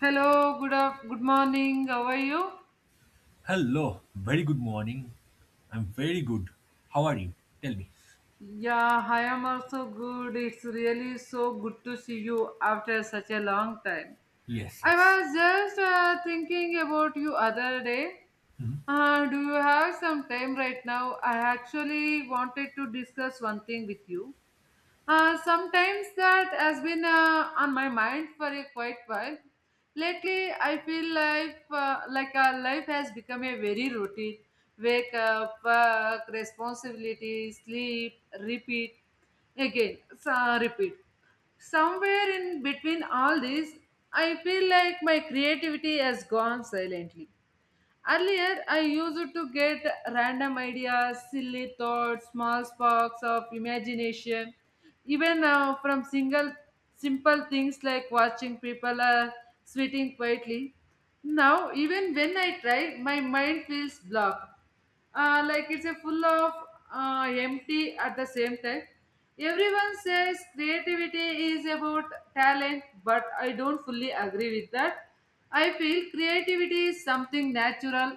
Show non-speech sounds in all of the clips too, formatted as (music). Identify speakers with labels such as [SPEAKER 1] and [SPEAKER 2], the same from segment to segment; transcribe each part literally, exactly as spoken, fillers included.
[SPEAKER 1] Hello, good up, good morning. How are you?
[SPEAKER 2] Hello, very good morning. I'm very good. How are you? Tell me.
[SPEAKER 1] Yeah, I am also good. It's really so good to see you after such a long time.
[SPEAKER 2] Yes,
[SPEAKER 1] I
[SPEAKER 2] yes.
[SPEAKER 1] was just uh, thinking about you other day.
[SPEAKER 2] Mhm.
[SPEAKER 1] Uh, do you have some time right now? I actually wanted to discuss one thing with you. Uh, sometimes that has been uh, on my mind for a quite while. Lately, I feel like uh, like our life has become a very routine. Wake up, work, responsibility, sleep, repeat, again, so, repeat. Somewhere in between all this, I feel like my creativity has gone silently. Earlier, I used to get random ideas, silly thoughts, small sparks of imagination, even uh, from single simple things like watching people uh, sweating quietly. Now, even when I try, my mind feels blocked, uh, like it's a full of uh, empty at the same time. Everyone says creativity is about talent, but I don't fully agree with that. I feel creativity is something natural,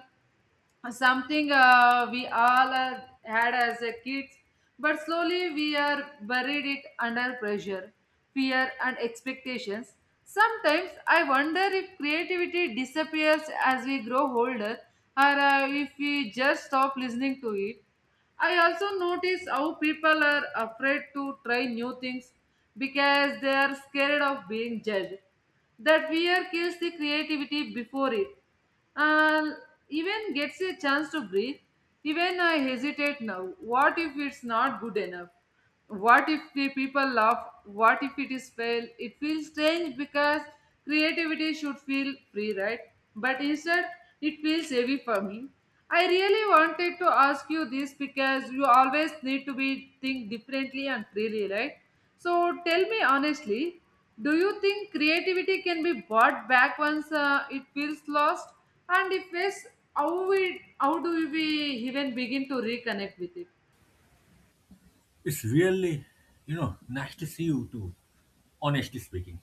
[SPEAKER 1] something uh, we all uh, had as a kids, but slowly we are buried it under pressure, fear and expectations. Sometimes I wonder if creativity disappears as we grow older, or uh, if we just stop listening to it. I also notice how people are afraid to try new things because they are scared of being judged. That fear kills the creativity before it and even gets a chance to breathe. Even I hesitate now. What if it's not good enough? What if the people laugh? What if it is fail? It feels strange because creativity should feel free, right? But instead, it feels heavy for me. I really wanted to ask you this because you always need to be think differently and freely, right? So tell me honestly, do you think creativity can be bought back once uh, it feels lost? And if yes, how we how do we even begin to reconnect with it?
[SPEAKER 2] It's really, you know, nice to see you too, honestly speaking.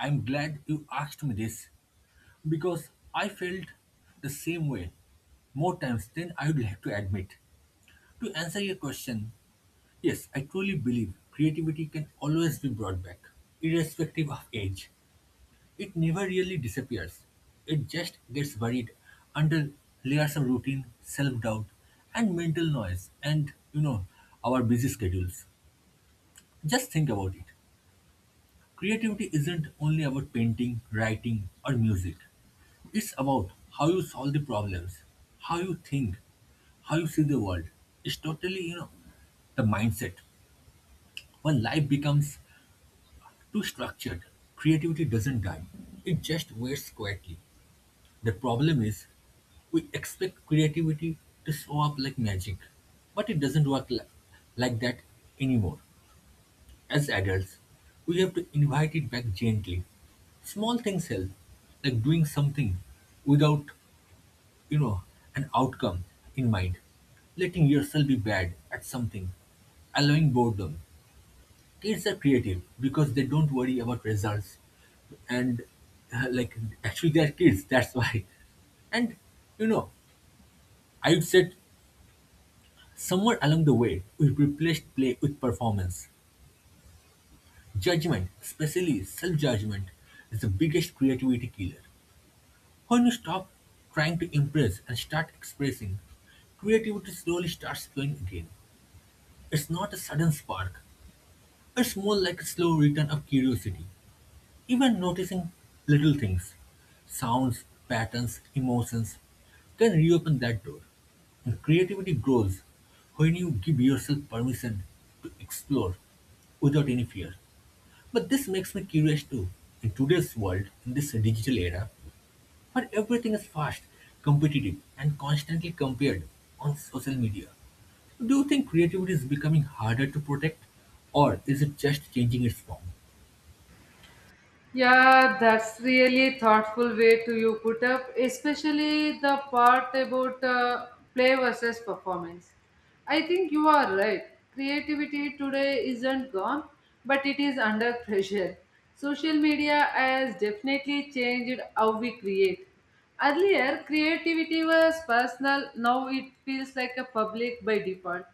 [SPEAKER 2] I'm glad you asked me this because I felt the same way more times than I would like to admit. To answer your question, yes, I truly believe creativity can always be brought back, irrespective of age. It never really disappears. It just gets buried under layers of routine, self-doubt, and mental noise and, you know, our busy schedules. Just think about it. Creativity isn't only about painting, writing, or music. It's about how you solve the problems, how you think, how you see the world. It's totally, you know, the mindset. When life becomes too structured, creativity doesn't die. It just waits quietly. The problem is, we expect creativity to show up like magic, but it doesn't work li- like that anymore. As adults, we have to invite it back gently. Small things help, like doing something without, you know, an outcome in mind, letting yourself be bad at something, allowing boredom. Kids are creative because they don't worry about results, and uh, like actually they are kids. (laughs) That's why and you know I'd said somewhere along the way we replaced play with performance. Judgment, especially self-judgment, is the biggest creativity killer. When you stop trying to impress and start expressing, creativity slowly starts flowing again. It's not a sudden spark. It's more like a slow return of curiosity. Even noticing little things, sounds, patterns, emotions, can reopen that door. And creativity grows when you give yourself permission to explore without any fear. But this makes me curious too. In today's world, in this digital era, where everything is fast, competitive, and constantly compared on social media, do you think creativity is becoming harder to protect or is it just changing its form?
[SPEAKER 1] Yeah, that's really thoughtful way to you put up, especially the part about uh, play versus performance. I think you are right. Creativity today isn't gone, but it is under (laughs) pressure. Social media has definitely changed how we create. Earlier, creativity was personal, now it feels like a public by default.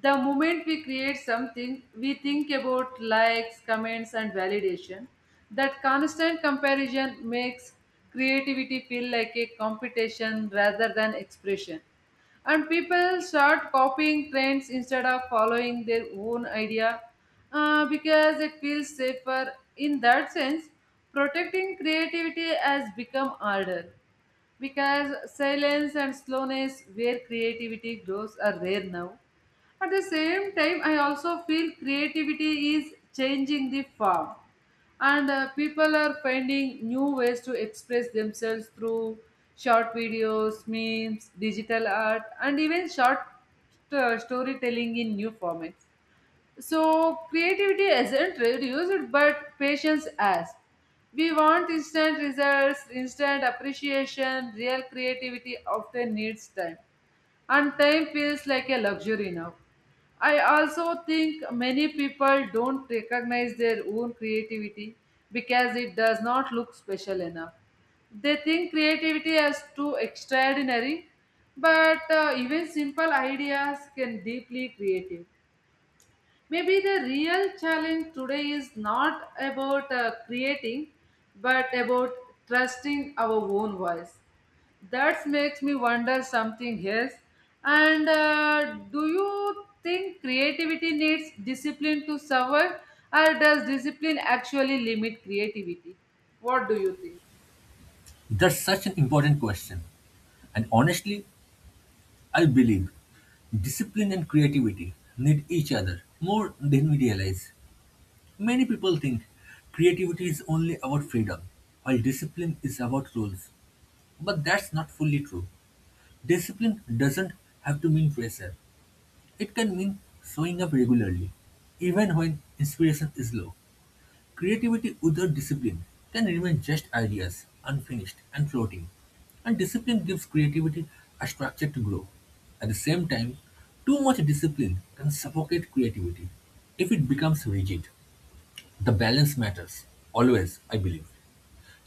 [SPEAKER 1] The moment we create something, we think about likes, comments, and validation. That constant comparison makes creativity feel like a competition rather than expression. And people start copying trends instead of following their own idea, uh, because it feels safer. In that sense, protecting creativity has become harder because silence and slowness where creativity grows are rare now. At the same time, I also feel creativity is changing the form, and uh, people are finding new ways to express themselves through short videos, memes, digital art, and even short uh, storytelling in new formats. So creativity isn't reduced, but patience as. We want instant results, instant appreciation. Real creativity often needs time, and time feels like a luxury now. I also think many people don't recognize their own creativity because it does not look special enough. They think creativity is too extraordinary, but uh, even simple ideas can deeply creative. Maybe the real challenge today is not about uh, creating, but about trusting our own voice. That makes me wonder something else. And uh, Do you think creativity needs discipline to survive, or does discipline actually limit creativity? What do you think?
[SPEAKER 2] That's such an important question. And honestly, I believe discipline and creativity need each other more than we realize. Many people think creativity is only about freedom, while discipline is about rules. But that's not fully true. Discipline doesn't have to mean pressure, it can mean showing up regularly, even when inspiration is low. Creativity without discipline can remain just ideas, unfinished and floating. And discipline gives creativity a structure to grow. At the same time, too much discipline can suffocate creativity if it becomes rigid. The balance matters, always, I believe.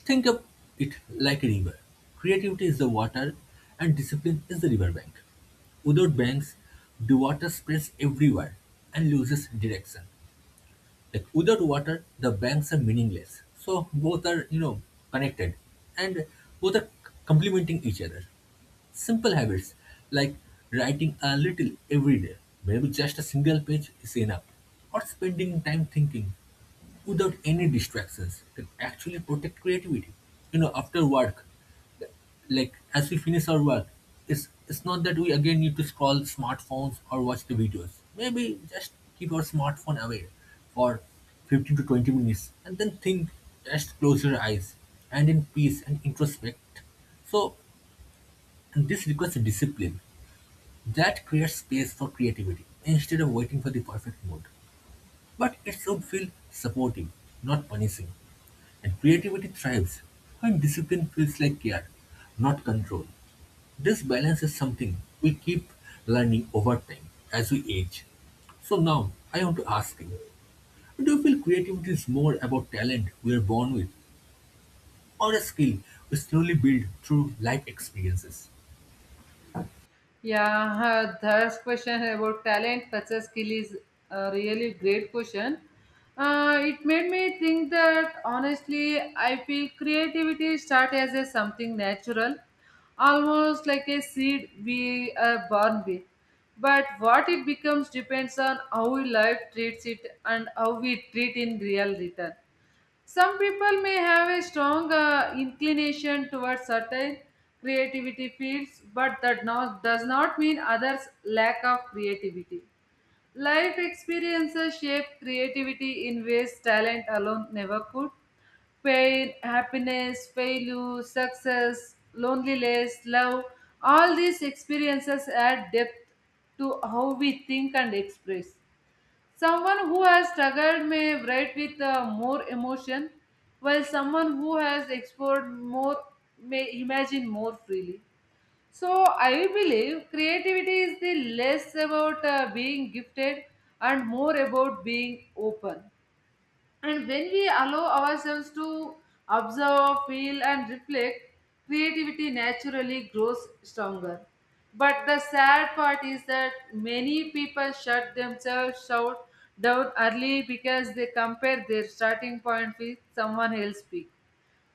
[SPEAKER 2] Think of it like a river. Creativity is the water, and discipline is the riverbank. Without banks, the water spreads everywhere and loses direction. Like without water, the banks are meaningless. So both are, you know, connected and both are complementing each other. Simple habits like writing a little every day, maybe just a single page is enough, or spending time thinking without any distractions can actually protect creativity. You know, after work, like as we finish our work, it's it's not that we again need to scroll smartphones or watch the videos. Maybe just keep our smartphone away for fifteen to twenty minutes and then think, just close your eyes and in peace and introspect. So and this requires discipline that creates space for creativity instead of waiting for the perfect mood. But it should feel supportive, not punishing. And creativity thrives when discipline feels like care, not control. This balance is something we keep learning over time as we age. So now I want to ask you, do you feel creativity is more about talent we are born with or a skill we slowly build through life experiences?
[SPEAKER 1] Yeah, uh, third question about talent versus skill is a really great question. Uh, it made me think that honestly, I feel creativity start as a something natural, almost like a seed we are born with. But what it becomes depends on how life treats it and how we treat in real return. Some people may have a strong uh, inclination towards certain creativity fields, but that no- does not mean others lack of creativity. Life experiences shape creativity in ways talent alone never could. Pain, happiness, failure, success, loneliness, love, all these experiences add depth to how we think and express. Someone who has struggled may write with uh, more emotion, while someone who has explored more may imagine more freely. So, I believe creativity is the less about uh, being gifted and more about being open. And when we allow ourselves to observe, feel, and reflect, creativity naturally grows stronger. But the sad part is that many people shut themselves out down early because they compare their starting point with someone else's peak.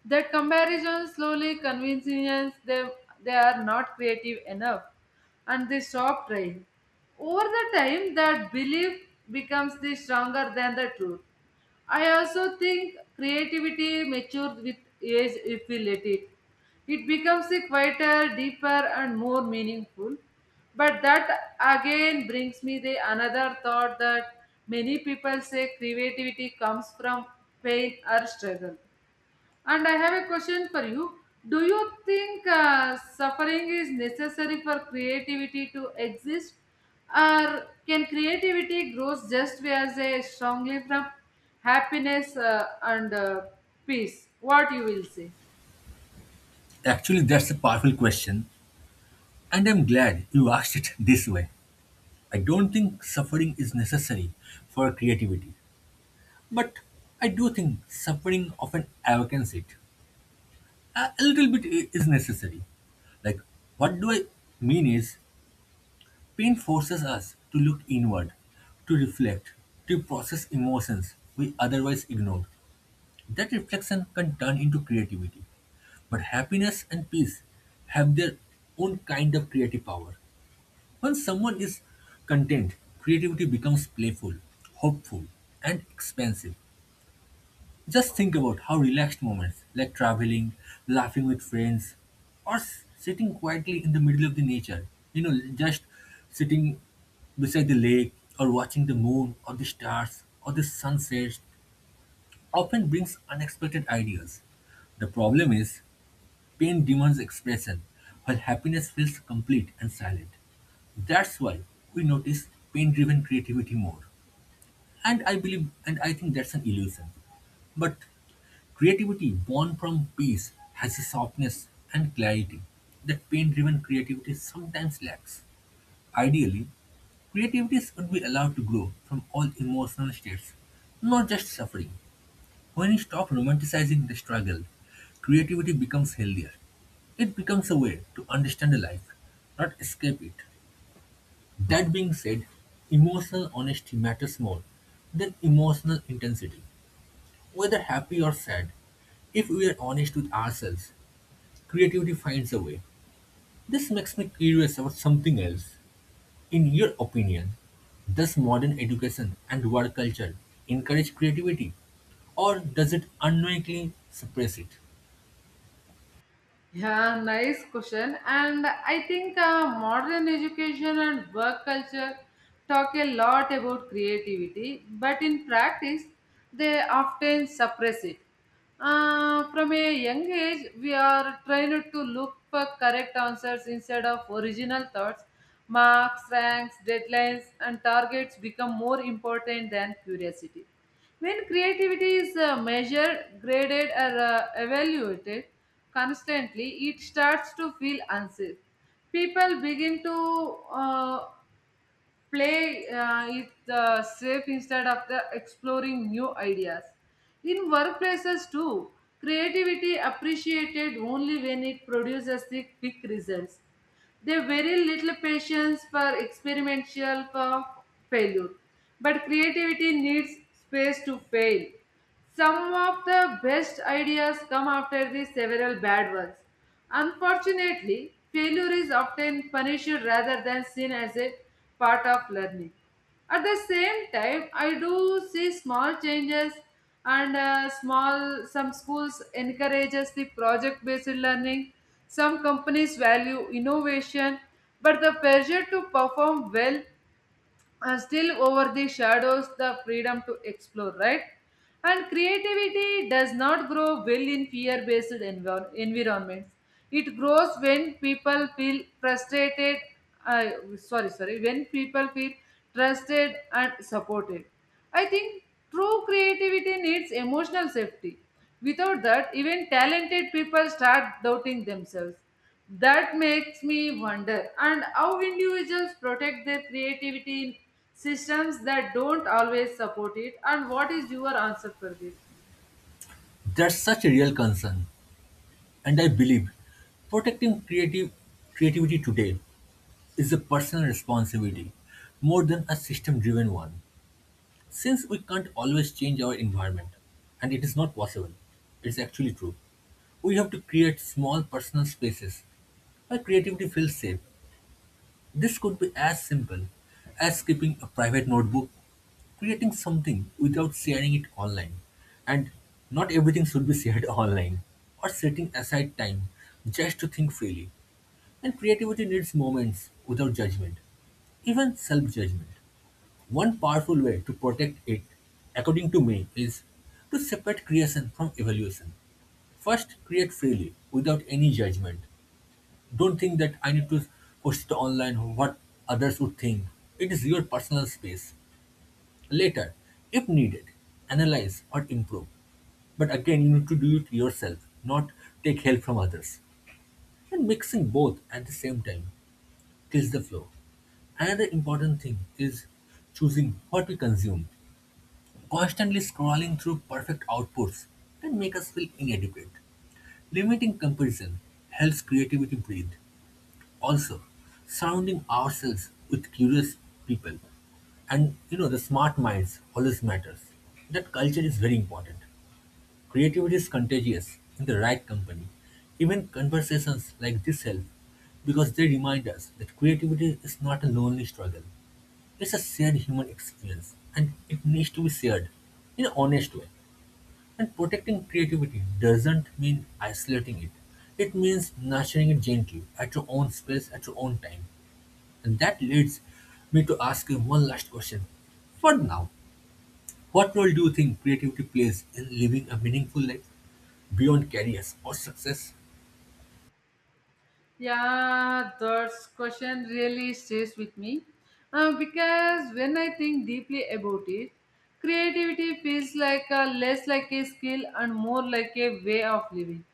[SPEAKER 1] That comparison slowly convinces them they are not creative enough and they stop trying. Over the time, that belief becomes the stronger than the truth. I also think creativity matures with age if we let it. It becomes a quieter, deeper, and more meaningful. But that again brings me the another thought that many people say creativity comes from pain or struggle. And I have a question for you. Do you think uh, suffering is necessary for creativity to exist? Or can creativity grows just as a strongly from happiness uh, and uh, peace? What you will say?
[SPEAKER 2] Actually, that's a powerful question and I'm glad you asked it this way. I don't think suffering is necessary for creativity, but I do think suffering often awakens it. A a little bit i- is necessary. Like, what do I mean is, pain forces us to look inward, to reflect, to process emotions we otherwise ignore. That reflection can turn into creativity. But happiness and peace have their own kind of creative power. When someone is content, creativity becomes playful, hopeful, and expansive. Just think about how relaxed moments like traveling, laughing with friends, or s- sitting quietly in the middle of the nature, you know, just sitting beside the lake or watching the moon or the stars or the sunset often brings unexpected ideas. The problem is pain demands expression while happiness feels complete and silent. That's why we notice pain driven creativity more. And I believe, and I think that's an illusion. But creativity born from peace has a softness and clarity that pain driven creativity sometimes lacks. Ideally, creativities would be allowed to grow from all emotional states, not just suffering. When you stop romanticizing the struggle, creativity becomes healthier. It becomes a way to understand life, not escape it. That being said, emotional honesty matters more than emotional intensity, whether happy or sad. If we are honest with ourselves, creativity finds a way. This makes me curious about something else. In your opinion, does modern education and work culture encourage creativity, or does it unknowingly suppress it?
[SPEAKER 1] Yeah, nice question. And I think uh, modern education and work culture talk a lot about creativity, but in practice, they often suppress it. Uh, from a young age, we are trained to look for correct answers instead of original thoughts. Marks, ranks, deadlines, and targets become more important than curiosity. When creativity is uh, measured, graded, or uh, evaluated constantly, it starts to feel unsafe. People begin to uh, play uh, it uh, safe instead of the exploring new ideas in workplaces too. Creativity appreciated only when it produces the quick results. There very little patience for experimental for failure, but creativity needs space to fail. Some of the best ideas come after the several bad ones. Unfortunately, failure is often punished rather than seen as a part of learning. At the same time, I do see small changes and uh, small some schools encourages the project based learning. Some companies value innovation, but the pressure to perform well uh, still over the shadows the freedom to explore, right? And creativity does not grow well in fear based envir- environments. It grows when people feel frustrated, uh, sorry sorry when people feel trusted and supported. I think true creativity needs emotional safety. Without that, even talented people start doubting themselves. That makes me wonder and how individuals protect their creativity in systems that don't always support it, and what is your answer for it?
[SPEAKER 2] That's such a real concern, and I believe protecting creative creativity today is a personal responsibility more than a system driven one, since we can't always change our environment, and it is not possible. It's actually true. We have to create small personal spaces where creativity feels safe. This could be as simple as keeping a private notebook, creating something without sharing it online, and not everything should be shared (laughs) online, or setting aside time just to think freely. And creativity needs moments without judgment, even self judgment. One powerful way to protect it, according to me, is to separate creation from evaluation. First, create freely, without any judgment. Don't think that I need to post it online what others would think. It is your personal space. Later, if needed, analyze or improve. But again, you need to do it yourself, not take help from others. And mixing both at the same time kills the flow. Another important thing is choosing what we consume. Constantly scrolling through perfect outputs can make us feel inadequate. Limiting comparison helps creativity breathe. Also, surrounding ourselves with curious people and you know the smart minds always matters. That culture is very important. Creativity is contagious in the right company. Even conversations like this help because they remind us that creativity is not a lonely struggle. It's a shared human experience and it needs to be shared in an honest way. And protecting creativity doesn't mean isolating it. It means nurturing it gently at your own space, at your own time. And that leads me to ask you one last question. For now, what role do you think creativity plays in living a meaningful life beyond careers or success?
[SPEAKER 1] Yeah, that question really stays with me uh, because when I think deeply about it, creativity feels like a, less like a skill and more like a way of living.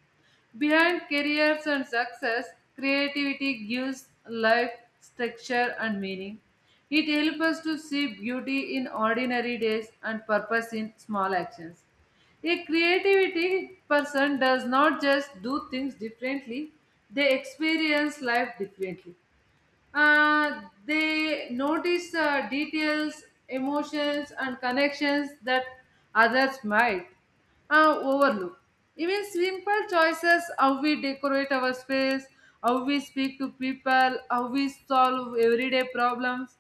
[SPEAKER 1] Behind careers and success, creativity gives life structure and meaning. It helps us to see beauty in ordinary days and purpose in small actions. A creativity person does not just do things differently, they experience life differently. Uh, they notice uh, details, emotions, and connections that others might uh, overlook. Even simple choices, how we decorate our space, how we speak to people, how we solve everyday problems,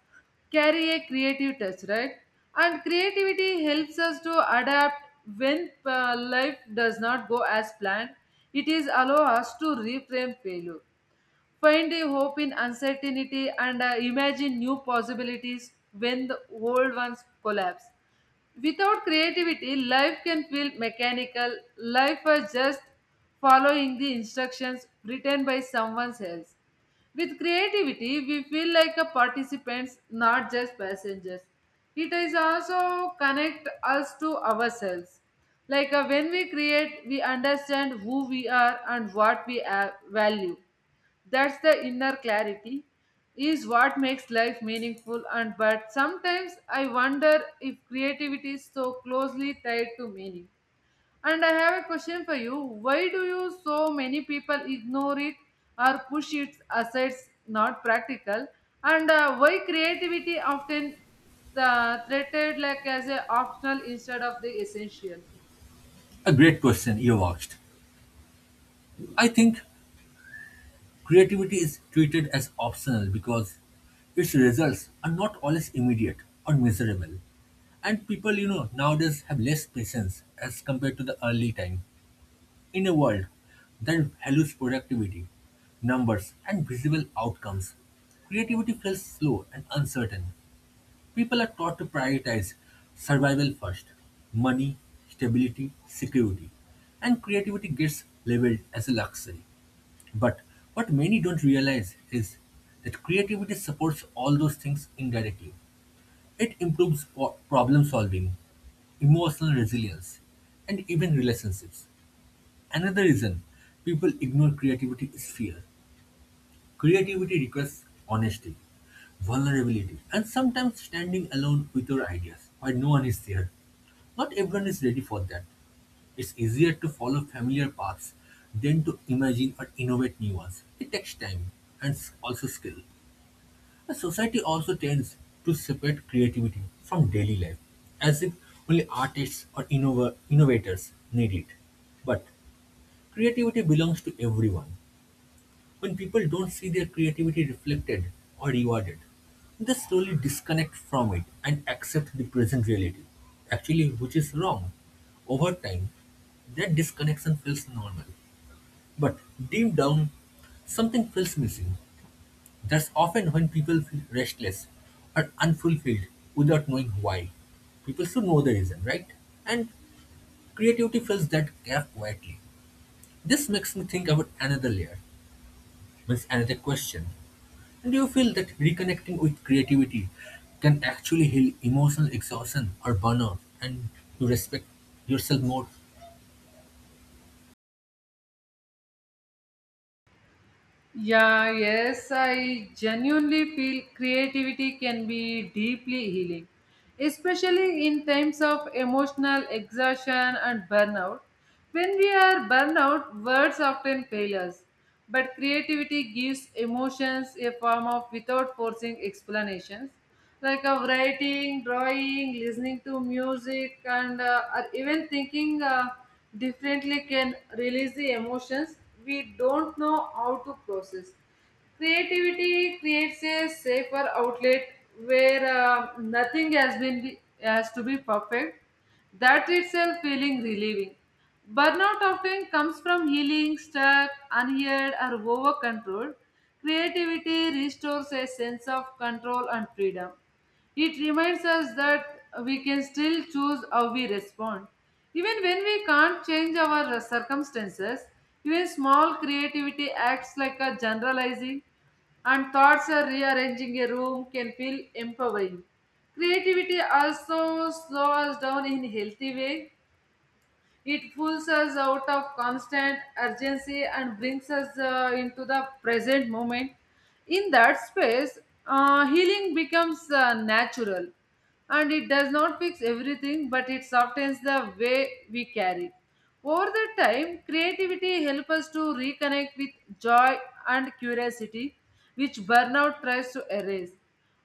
[SPEAKER 1] carry a creative touch, right? And creativity helps us to adapt when uh, life does not go as planned. It is allow us to reframe failure, find a hope in uncertainty, and uh, imagine new possibilities when the old ones collapse. Without creativity, life can feel mechanical. Life is just following the instructions written by someone else. With creativity, we feel like a participants, not just passengers. It is also connect us to ourselves. Like uh, when we create, we understand who we are and what we uh, value. That's the inner clarity, is what makes life meaningful. And but sometimes I wonder if creativity is so closely tied to meaning. And I have a question for you. Why do you so many people ignore it or push it aside? It's not practical. And uh, Why creativity often uh, treated like as an optional instead of the essential?
[SPEAKER 2] A great question you've asked. I think creativity is treated as optional because its results are not always immediate or measurable. And people, you know, nowadays have less patience as compared to the early time in a world that values productivity, numbers, and visible outcomes. Creativity feels slow and uncertain. People are taught to prioritize survival first money, stability, security, and creativity gets labeled as a luxury. But what many don't realize is that creativity supports all those things indirectly. It improves o- problem solving, emotional resilience, and even relationships. Another reason people ignore creativity is fear. Creativity requires honesty, vulnerability, and sometimes standing alone with your ideas while no one is there. Not everyone is ready for that. It's easier to follow familiar paths than to imagine or innovate new ones. It takes time and s- also skill. The society also tends to separate creativity from daily life, as if only artists or innova- innovators need it. But creativity belongs to everyone. When people don't see their creativity reflected or rewarded, they slowly disconnect from it and accept the present reality, actually, which is wrong. Over time, that disconnection feels normal. But deep down, something feels missing. That's often when people feel restless or unfulfilled without knowing why. People should know the reason, right? And creativity fills that gap quietly. This makes me think about another layer, means another question. And do you feel that reconnecting with creativity can actually heal emotional exhaustion or burnout and you respect yourself more?
[SPEAKER 1] Yeah, yes, I genuinely feel creativity can be deeply healing, especially in times of emotional exhaustion and burnout. When we are burnout, words often fail us, but creativity gives emotions a form of without forcing explanations, like of writing, drawing, listening to music, and uh, or even thinking uh, differently can release the emotions we don't know how to process. Creativity creates a safer outlet where uh, nothing has been has to be perfect, that itself feeling relieving. Burnout often comes from healing, stuck, unheard, or over controlled. Creativity restores a sense of control and freedom. It reminds us that we can still choose how we respond. Even when we can't change our circumstances, even small creativity acts like a generalizing and thoughts are rearranging a room can feel empowering. Creativity also slows us down in a healthy way. It pulls us out of constant urgency and brings us uh, into the present moment. In that space, uh, healing becomes uh, natural, and it does not fix everything, but it softens the way we carry. Over the time, creativity helps us to reconnect with joy and curiosity, which burnout tries to erase.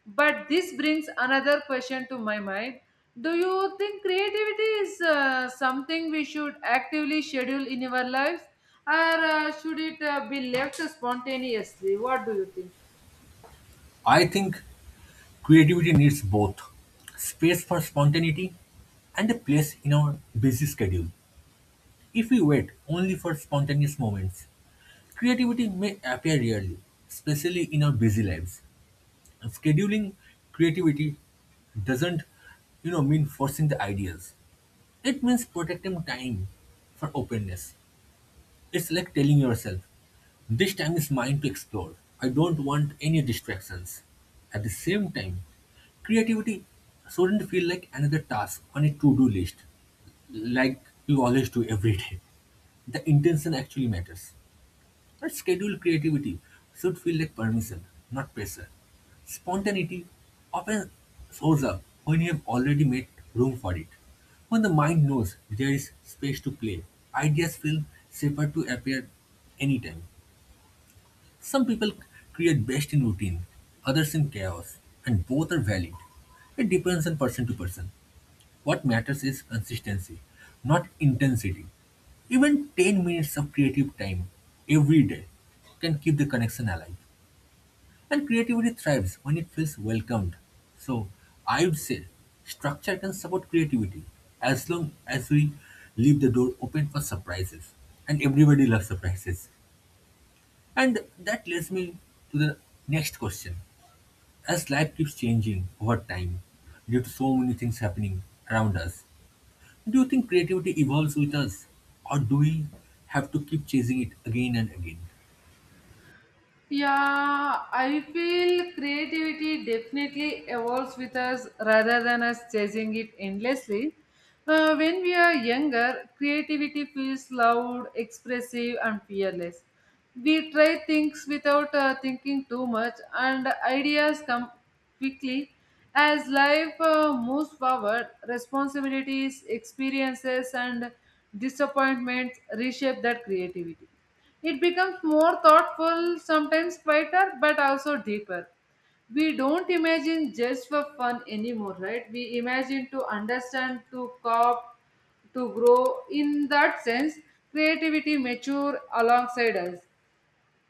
[SPEAKER 1] But this brings another question to my mind. Do you think creativity is uh, something we should actively schedule in our lives or uh, should it uh, be left spontaneously? What do you think?
[SPEAKER 2] I think creativity needs both space for spontaneity and a place in our busy schedule. If we wait only for spontaneous moments, creativity may appear rarely, especially in our busy lives. And scheduling creativity doesn't, you know, mean forcing the ideas. It means protecting time for openness. It's like telling yourself, this time is mine to explore. I don't want any distractions. At the same time, creativity shouldn't feel like another task on a to do list, like you always do every (laughs) day. The intention actually matters. Our scheduled creativity should feel like permission, not pressure. Spontaneity often shows up when you have already made room for it. When the mind knows there is space to play, ideas feel safer to appear anytime. Some people create best in routine, others in chaos, and both are valid. It depends on person to person. What matters is consistency, not intensity. Even ten minutes of creative time every day can keep the connection alive. And creativity thrives when it feels welcomed. So, I would say structure can support creativity as long as we leave the door open for surprises. And everybody loves surprises. And that leads me to the next question. As life keeps changing over time due to so many things happening around us, do you think creativity evolves with us, or do we have to keep chasing it again and again?
[SPEAKER 1] Yeah, I feel creativity definitely evolves with us rather than us chasing it endlessly. Uh, when we are younger, creativity feels loud, expressive, and fearless. We try things without uh, thinking too much, and ideas come quickly. As life uh, moves forward, responsibilities, experiences, and disappointments reshape that creativity, it becomes more thoughtful, sometimes quieter, but also deeper. We don't imagine just for fun anymore, right? We imagine to understand, to cop, to grow. In that sense, creativity mature alongside us.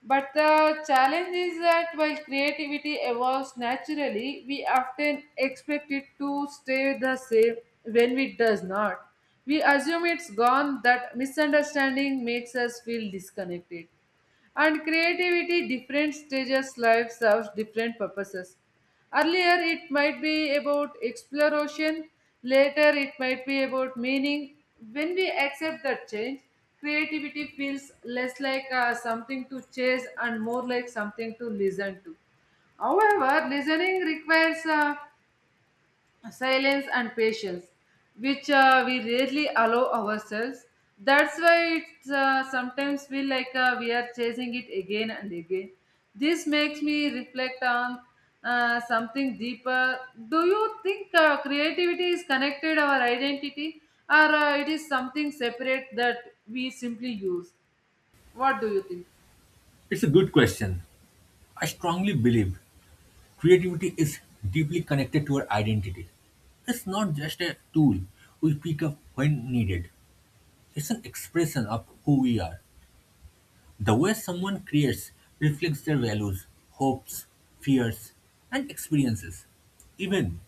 [SPEAKER 1] But the challenge is that while creativity evolves naturally, we often expect it to stay the same when it does not. We assume it's gone, that misunderstanding makes us feel disconnected. And creativity, different stages, life serves different purposes. Earlier, it might be about exploration, later, it might be about meaning. When we accept that change, creativity feels less like uh, something to chase and more like something to listen to. However, listening requires uh, silence and patience, which uh, we rarely allow ourselves. That's why it's uh, sometimes feel like uh, we are chasing it again and again. This makes me reflect on uh, something deeper. Do you think uh, creativity is connected our identity, or uh, it is something separate that we simply use? What do you think?
[SPEAKER 2] It's a good question. I strongly believe creativity is deeply connected to our identity. It's not just a tool we pick up when needed, it's an expression of who we are. The way someone creates reflects their values, hopes, fears, and experiences. Even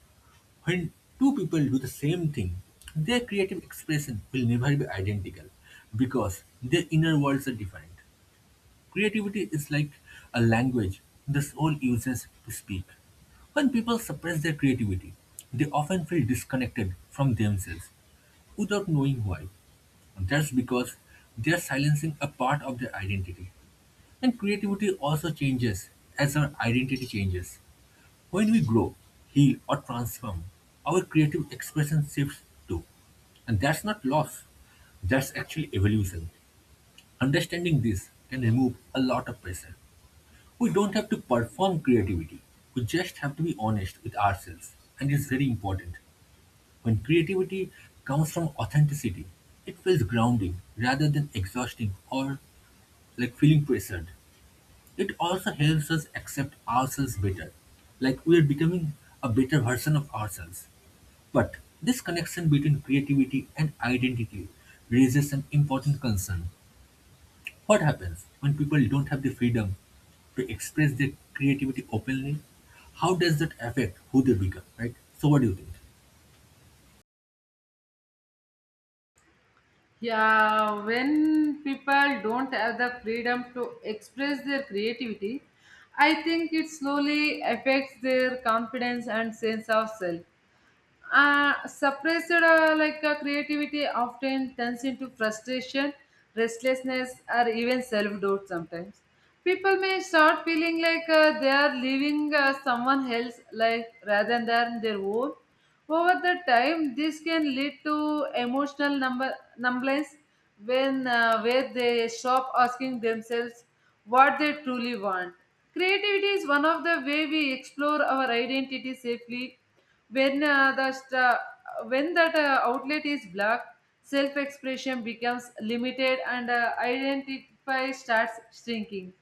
[SPEAKER 2] when two people do the same thing, their creative expression will never be identical because their inner worlds are different. Creativity is like a language the soul uses to speak. When people suppress their creativity, they often feel disconnected from themselves without knowing why. That's because they are silencing a part of their identity. And creativity also changes as our identity changes. When we grow, heal, or transform, our creative expression shifts too. And that's not loss, that's actually evolution. Understanding this can remove a lot of pressure. We don't have to perform creativity, we just have to be honest with ourselves. And it's very important. When creativity comes from authenticity, it feels grounding rather than exhausting or like feeling pressured. It also helps us accept ourselves better, like we are becoming a better version of ourselves. But this connection between creativity and identity raises an important concern. What happens when people don't have the freedom to express their creativity openly? How does that affect who they become, right? So, what do you think?
[SPEAKER 1] Yeah, when people don't have the freedom to express their creativity, I think it slowly affects their confidence and sense of self, uh, suppressed, uh, like uh, creativity often turns into frustration, restlessness, or even self-doubt. Sometimes people may start feeling like uh, they are living uh, someone else's life rather than their own. Over the time, this can lead to emotional number, numbness, when uh, where they stop asking themselves what they truly want. Creativity is one of the way we explore our identity safely. When uh, the st- uh, when that uh, outlet is blocked, self-expression becomes limited and uh, identify starts shrinking.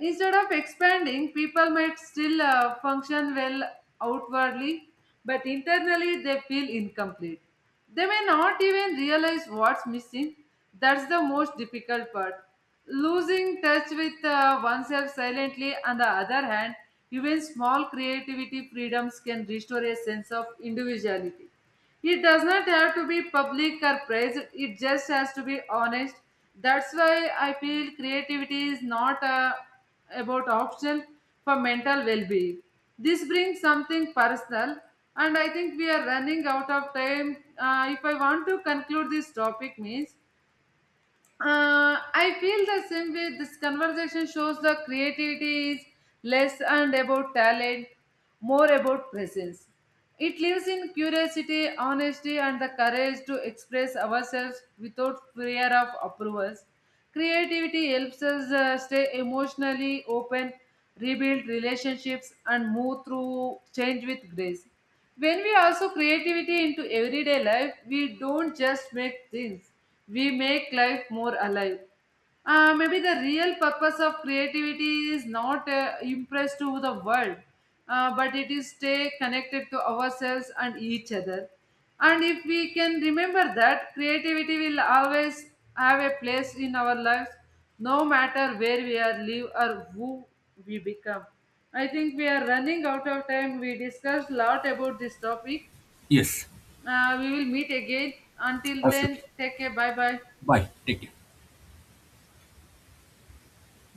[SPEAKER 1] Instead of expanding, people might still uh, function well outwardly, but internally they feel incomplete. They may not even realize what's missing. That's the most difficult part. Losing touch with uh, oneself silently, on the other hand, even small creativity freedoms can restore a sense of individuality. It does not have to be public or private. It just has to be honest. That's why I feel creativity is not a, about option for mental well-being. This brings something personal, and I think we are running out of time. Uh, if I want to conclude this topic, means uh, I feel the same way. This conversation shows the creativity is less and about talent, more about presence. It lives in curiosity, honesty, and the courage to express ourselves without fear of approvals. Creativity helps us uh, stay emotionally open, rebuild relationships, and move through change with grace. When we also creativity into everyday life, we don't just make things, we make life more alive. Uh, maybe the real purpose of creativity is not uh, impressed to the world, uh, but it is stay connected to ourselves and each other. And if we can remember that, creativity will always have a place in our lives, no matter where we are live or who we become. I think we are running out of time, we discussed lot about this topic.
[SPEAKER 2] Yes,
[SPEAKER 1] Uh, we will meet again. Until then,
[SPEAKER 2] absolutely.
[SPEAKER 1] take care, bye bye.
[SPEAKER 2] Bye. Take care.